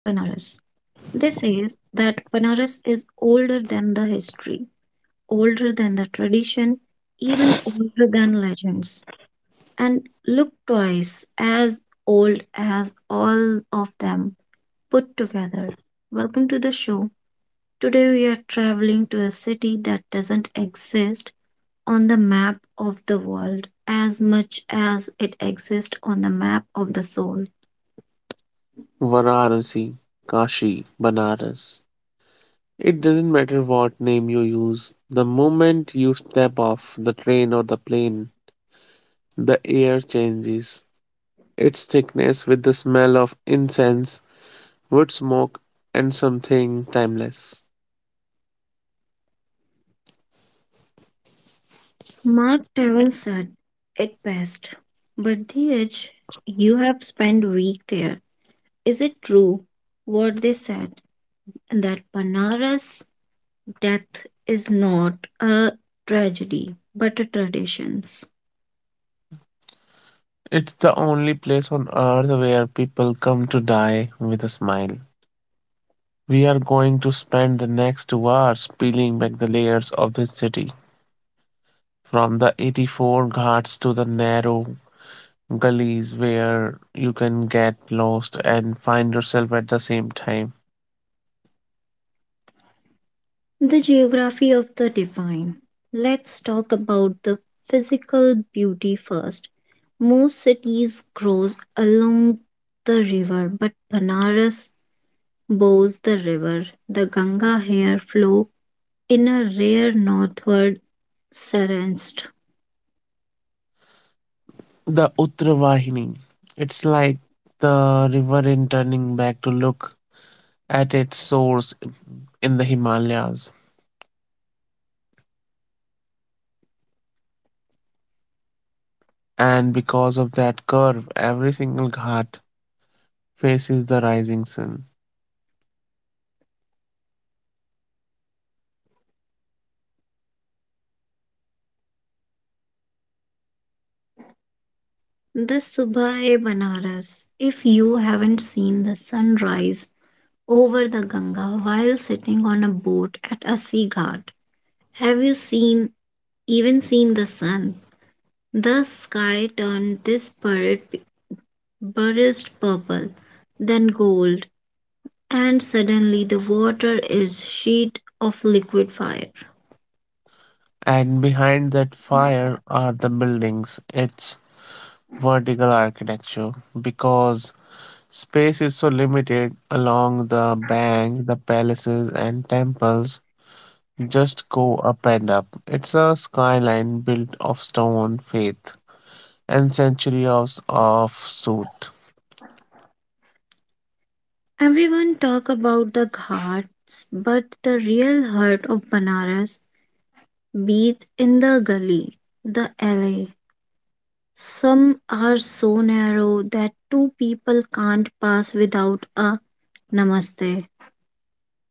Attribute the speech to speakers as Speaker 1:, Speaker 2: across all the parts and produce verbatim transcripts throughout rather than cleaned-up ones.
Speaker 1: This says that Panaras is older than the history, older than the tradition, even older than legends, and look twice as old as all of them put together. Welcome to the show. Today we are traveling to a city that doesn't exist on the map of the world as much as it exists on the map of the soul.
Speaker 2: Varanasi, Kashi, Banaras. It doesn't matter what name you use, the moment you step off the train or the plane, the air changes its thickness with the smell of incense, wood smoke, and something timeless.
Speaker 1: Mark Twain said it best. But the edge, you have spent week there. Is it true what they said that Banaras' death is not a tragedy but a tradition's.
Speaker 2: It's the only place on earth where people come to die with a smile. We are going to spend the next two hours peeling back the layers of this city, from the eighty-four ghats to the narrow gullies where you can get lost and find yourself at the same time.
Speaker 1: The geography of the divine. Let's talk about the physical beauty first. Most cities grows along the river, but Banaras bows the river. The Ganga here flow in a rare northward serenst,
Speaker 2: The Uttravahini. It's like the river in turning back to look at its source in the Himalayas. And because of that curve, every single ghat faces the rising sun.
Speaker 1: the Subha e Banaras. If you haven't seen the sunrise over the Ganga while sitting on a boat at a sea ghat, have you seen even seen the sun? The sky turned this purred- burnished purple, then gold, and suddenly the water is sheet of liquid fire.
Speaker 2: And behind that fire are the buildings. It's vertical architecture because space is so limited along the bank, the palaces and temples just go up and up. It's a skyline built of stone, faith, and centuries of sooth.
Speaker 1: Everyone talk about the ghats, but the real heart of Banaras beats in the gully, the alley. Some are so narrow that two people can't pass without a namaste.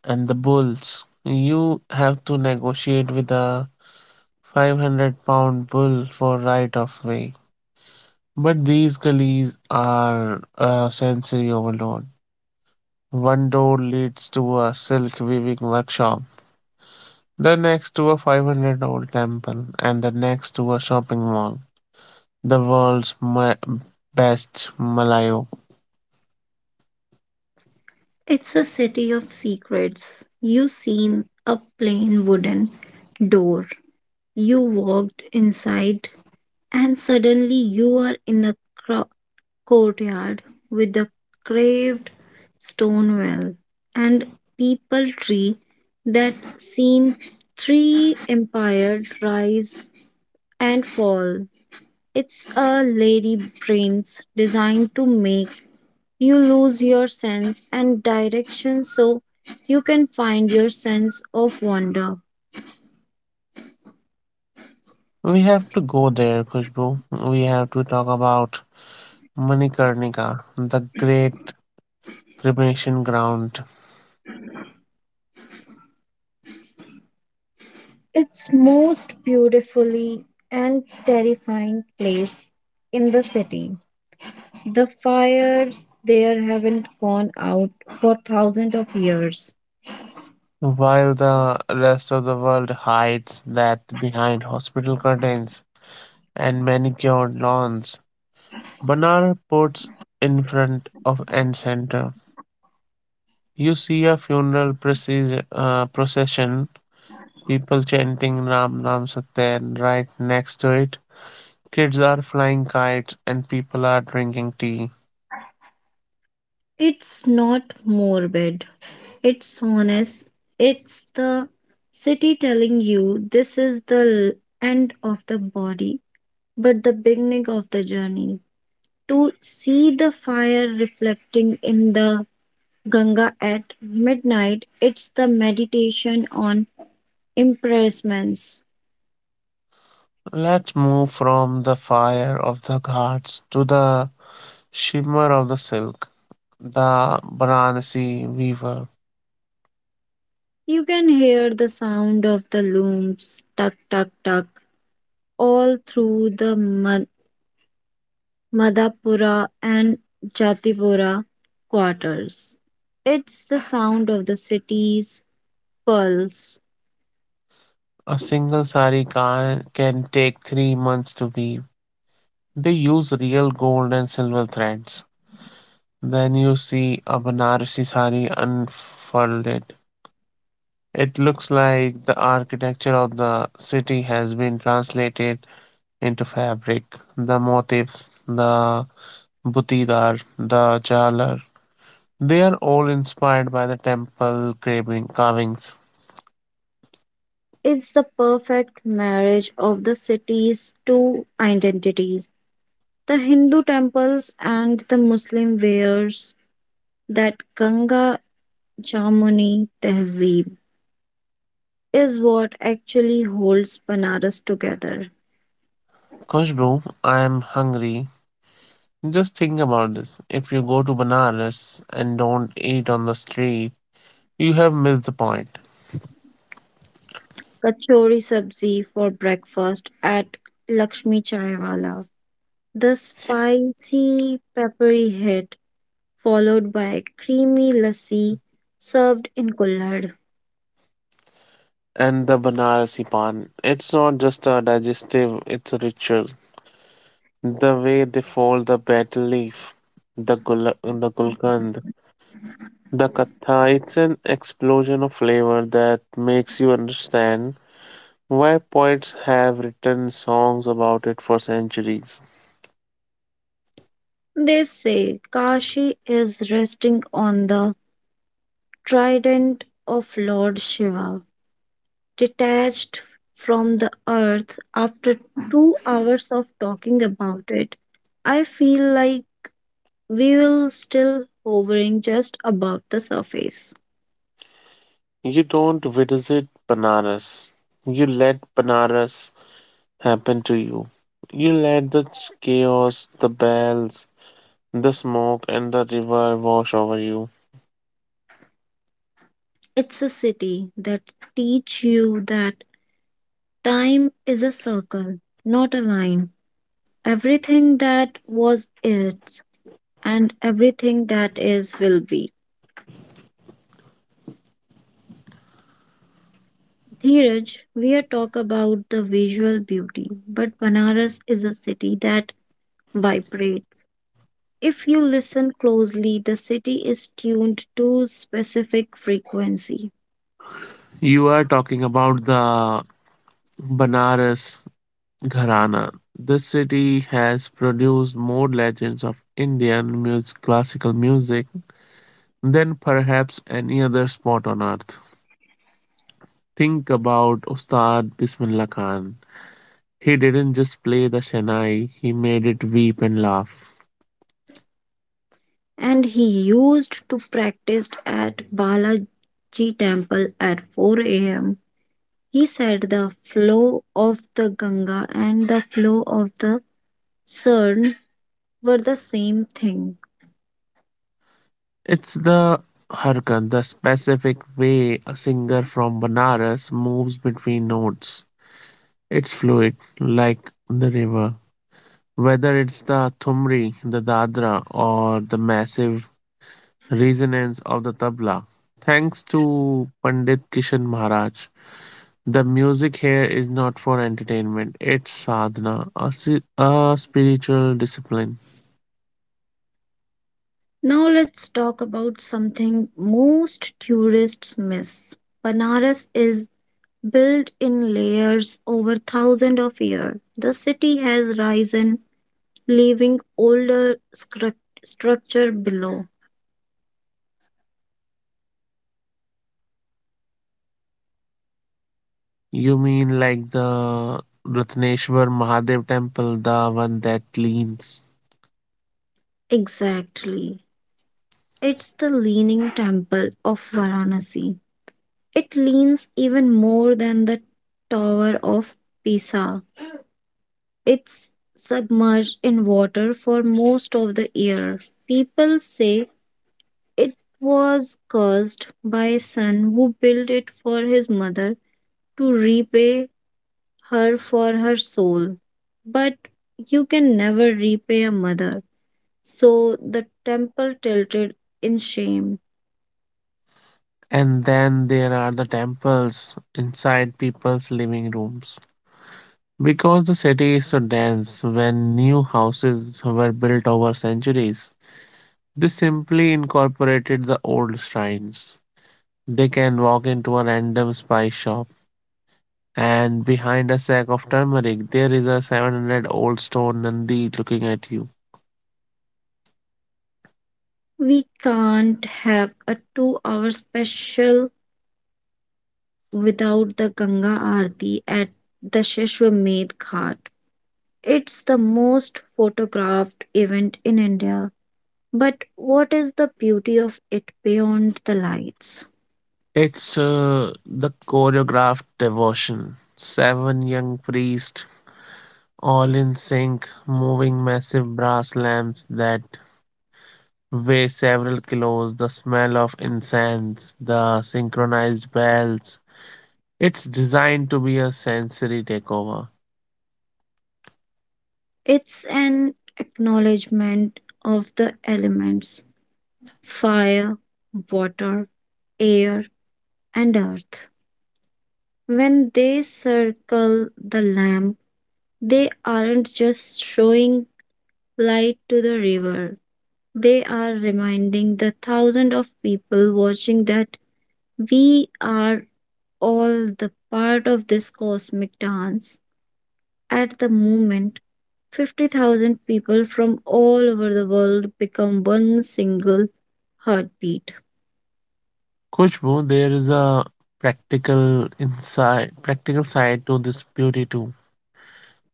Speaker 2: And the bulls. You have to negotiate with a five hundred pound bull for right of way. But these gullies are a sensory overload. One door leads to a silk weaving workshop, the next to a five hundred old temple, and the next to a shopping mall. The world's ma- best Malayo.
Speaker 1: It's a city of secrets. You seen a plain wooden door. You walked inside, and suddenly you are in the cro- courtyard with the carved stone well and people tree that seen three empires rise and fall. It's a lady brains designed to make you lose your sense and direction so you can find your sense of wonder.
Speaker 2: We have to go there, Khushbu. We have to talk about Manikarnika, the great cremation ground.
Speaker 1: It's most beautifully and terrifying place in the city. The fires there haven't gone out for thousands of years.
Speaker 2: While the rest of the world hides that behind hospital curtains and manicured lawns, Banar puts in front of end center. You see a funeral precis- uh, procession, people chanting Ram Ram Satya, and right next to it kids are flying kites and people are drinking tea.
Speaker 1: It's not morbid, it's honest. It's the city telling you this is the l- end of the body, but the beginning of the journey. To see the fire reflecting in the Ganga at midnight, it's the meditation on impressments.
Speaker 2: Let's move from the fire of the ghats to the shimmer of the silk. The Varanasi weaver.
Speaker 1: You can hear the sound of the looms, tuck, tuck, tuck all through the Mad- Madhapura and Jatipura quarters. It's the sound of the city's pulse.
Speaker 2: A single sari can, can take three months to weave. They use real gold and silver threads. Then you see a Banarasi sari unfolded. It looks like the architecture of the city has been translated into fabric. The motifs, the butidar, the jalar, they are all inspired by the temple carving- carvings.
Speaker 1: It's the perfect marriage of the city's two identities. The Hindu temples and the Muslim wares that Ganga Jamuni Tehzeeb is what actually holds Banaras together.
Speaker 2: Kushbro, I am hungry. Just think about this. If you go to Banaras and don't eat on the street, you have missed the point.
Speaker 1: Kachori sabzi for breakfast at Lakshmi Chaiwala. The spicy, peppery hit, followed by creamy lassi served in kullad.
Speaker 2: And the Banarasi pan, it's not just a digestive, it's a ritual. The way they fold the betel leaf, the, gul- the gulkand, the katha, it's an explosion of flavor that makes you understand why poets have written songs about it for centuries.
Speaker 1: They say Kashi is resting on the trident of Lord Shiva, detached from the earth after two hours of talking about it. I feel like we will still hovering just above the surface.
Speaker 2: You don't visit Banaras, you let Banaras happen to you. You let the ch- chaos, the bells, the smoke, and the river wash over you.
Speaker 1: It's a city that teach you that time is a circle, not a line. Everything that was is, and everything that is will be. Dheeraj, we are talk about the visual beauty, but Banaras is a city that vibrates. If you listen closely, the city is tuned to specific frequency.
Speaker 2: You are talking about the Banaras Gharana. This city has produced more legends of Indian music, classical music, than perhaps any other spot on earth. Think about Ustad Bismillah Khan. He didn't just play the Shanai, he made it weep and laugh.
Speaker 1: And he used to practice at Balaji temple at four a.m. He said the flow of the Ganga and the flow of the Sarn were the same thing.
Speaker 2: It's the harkan, the specific way a singer from Banaras moves between notes. It's fluid, like the river. Whether it's the Thumri, the Dadra, or the massive resonance of the tabla. Thanks to Pandit Kishan Maharaj, the music here is not for entertainment, it's sadhana, a, si- a spiritual discipline.
Speaker 1: Now let's talk about something most tourists miss. Banaras is built in layers over thousands of years. The city has risen, leaving older scru- structure below.
Speaker 2: You mean like the Ratneshwar Mahadev temple, the one that leans?
Speaker 1: Exactly. It's the leaning temple of Varanasi. It leans even more than the Tower of Pisa. It's submerged in water for most of the year. People say it was cursed by a son who built it for his mother to repay her for her soul. But you can never repay a mother. So the temple tilted in shame.
Speaker 2: And then there are the temples inside people's living rooms. Because the city is so dense, when new houses were built over centuries, they simply incorporated the old shrines. They can walk into a random spice shop, and behind a sack of turmeric, there is a seven hundred old stone Nandi looking at you.
Speaker 1: We can't have a two hour special without the Ganga Aarti at the Shishwamed Ghat. It's the most photographed event in India. But what is the beauty of it beyond the lights?
Speaker 2: It's uh, the choreographed devotion. Seven young priests, all in sync, moving massive brass lamps that weigh several kilos, the smell of incense, the synchronized bells. It's designed to be a sensory takeover.
Speaker 1: It's an acknowledgement of the elements: fire, water, air, and earth. When they circle the lamp, they aren't just showing light to the river. They are reminding the thousands of people watching that we are all the part of this cosmic dance. At the moment, fifty thousand people from all over the world become one single heartbeat.
Speaker 2: Kushbu, there is a practical inside practical side to this beauty too.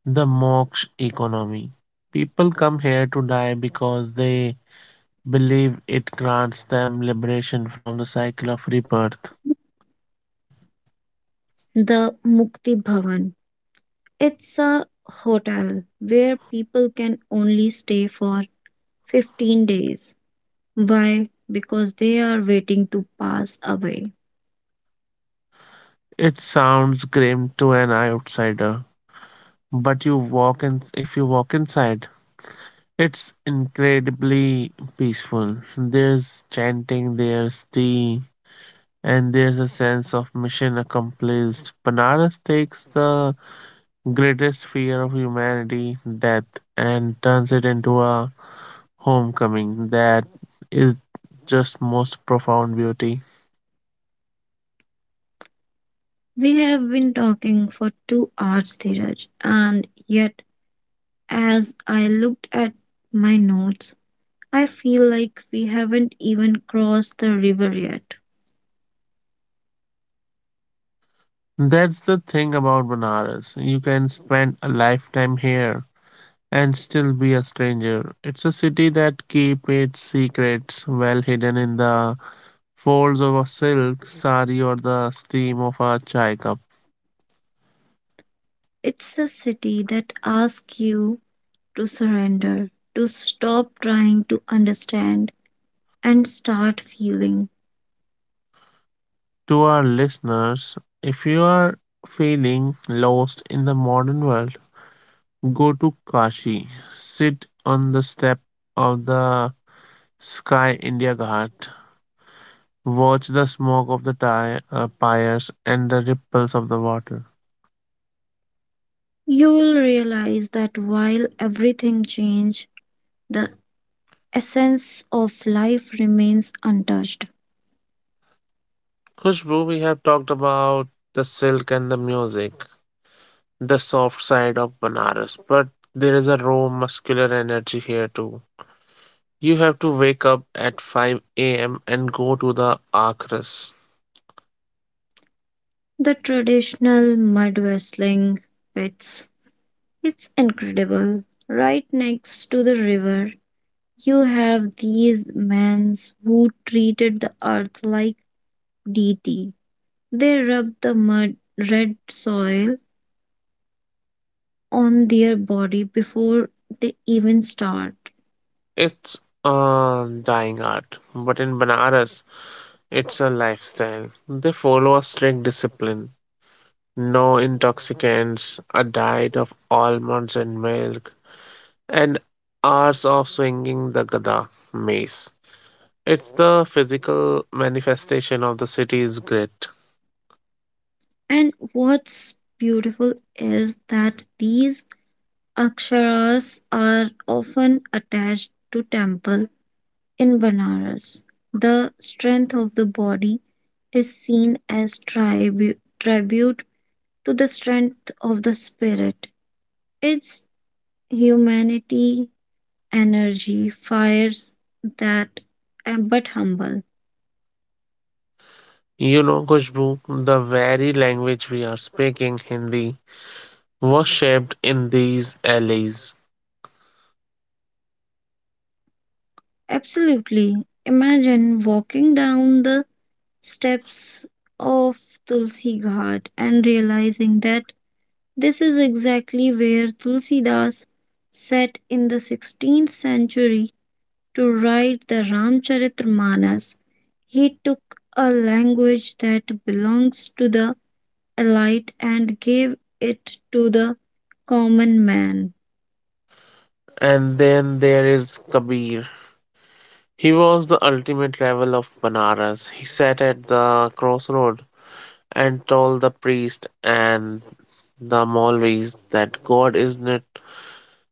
Speaker 2: The moksha economy. People come here to die because they believe it grants them liberation from the cycle of rebirth.
Speaker 1: The Mukti Bhavan. It's a hotel where people can only stay for fifteen days. Why? Because they are waiting to pass away.
Speaker 2: It sounds grim to an outsider, but you walk in if you walk inside, it's incredibly peaceful. There's chanting, there's tea, and there's a sense of mission accomplished. Banaras takes the greatest fear of humanity, death, and turns it into a homecoming that is just most profound beauty.
Speaker 1: We have been talking for two hours, Dheeraj, and yet as I looked at my notes, I feel like we haven't even crossed the river yet.
Speaker 2: That's the thing about Banaras. You can spend a lifetime here and still be a stranger. It's a city that keeps its secrets well hidden in the folds of a silk sari or the steam of a chai cup.
Speaker 1: It's a city that asks you to surrender, to stop trying to understand, and start feeling.
Speaker 2: To our listeners, if you are feeling lost in the modern world, go to Kashi. Sit on the step of the Sky India Ghat. Watch the smoke of the ty- uh, pyres and the ripples of the water.
Speaker 1: You will realize that while everything changes, the essence of life remains untouched.
Speaker 2: Khushbu, we have talked about the silk and the music, the soft side of Banaras, but there is a raw muscular energy here too. You have to wake up at five a m and go to the Akras.
Speaker 1: The traditional mud wrestling pits. It's incredible. Right next to the river, you have these men who treated the earth like deity. They rubbed the mud red soil on their body before they even start.
Speaker 2: It's a dying art, but in Banaras, it's a lifestyle. They follow a strict discipline. No intoxicants, a diet of almonds and milk, and hours of swinging the gada mace. It's the physical manifestation of the city's grit.
Speaker 1: And what's beautiful is that these aksharas are often attached to temples. In Banaras, the strength of the body is seen as tribu- tribute to the strength of the spirit. Its humanity, energy, fires that uh, but humble.
Speaker 2: You know, Kushbu, the very language we are speaking, Hindi, was shaped in these alleys.
Speaker 1: Absolutely. Imagine walking down the steps of Tulsi Ghat and realizing that this is exactly where Tulsidas sat in the sixteenth century to write the Ramcharitmanas, he took a language that belongs to the elite and gave it to the common man.
Speaker 2: And then there is Kabir. He was the ultimate rebel of Banaras. He sat at the crossroad and told the priest and the Maulvis that God is not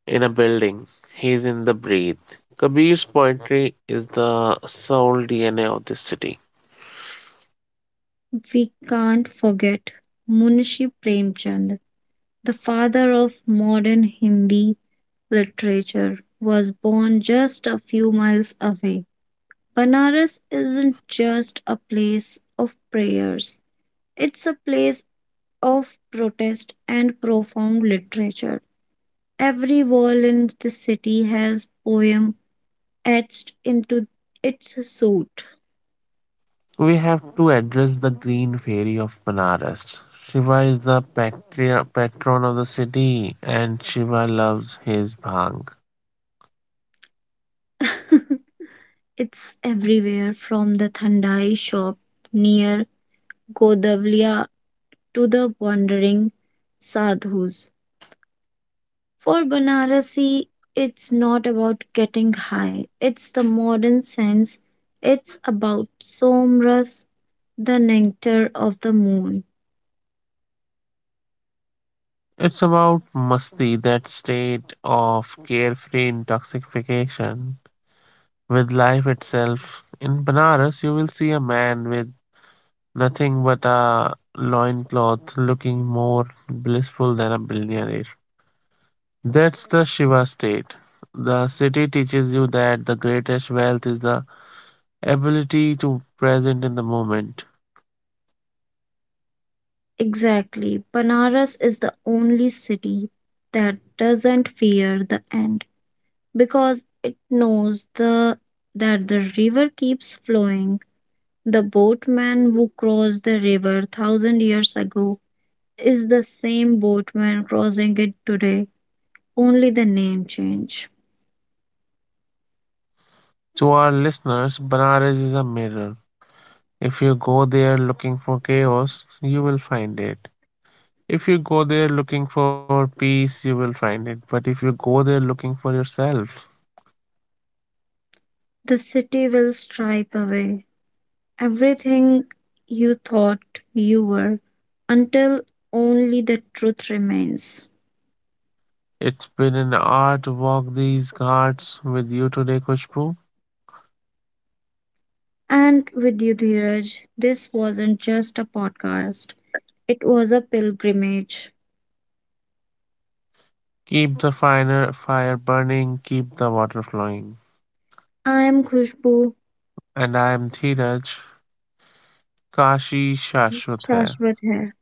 Speaker 2: in a building, He is in the breath. Kabir's poetry is the soul D N A of this city.
Speaker 1: We can't forget Munshi Premchand, the father of modern Hindi literature, was born just a few miles away. Banaras isn't just a place of prayers, it's a place of protest and profound literature. Every wall in the city has poem etched into its suit.
Speaker 2: We have to address the green fairy of Banaras. Shiva is the patri- patron of the city and Shiva loves his bhang.
Speaker 1: It's everywhere from the Thandai shop near Godavlia to the wandering sadhus. For Banarasi, it's not about getting high. It's the modern sense. It's about somras, the nectar of the moon.
Speaker 2: It's about masti, that state of carefree intoxication with life itself. In Banaras, you will see a man with nothing but a loincloth looking more blissful than a billionaire. That's the Shiva state. The city teaches you that the greatest wealth is the ability to present in the moment.
Speaker 1: Exactly. Banaras is the only city that doesn't fear the end because it knows the that the river keeps flowing. The boatman who crossed the river thousand years ago is the same boatman crossing it today, only the name change.
Speaker 2: To our listeners, Banaras is a mirror. If you go there looking for chaos, you will find it. If you go there looking for peace, you will find it. But if you go there looking for yourself,
Speaker 1: The city will stripe away everything you thought you were until only the truth remains.
Speaker 2: it's been an hour to walk these ghats with you today, Kushbu.
Speaker 1: And with you, Dheeraj, this wasn't just a podcast, it was a pilgrimage.
Speaker 2: Keep the finer fire burning, keep the water flowing.
Speaker 1: I am Khushbu
Speaker 2: And I am Dheeraj, Kashi Shashwat hai.
Speaker 1: Shashwat here.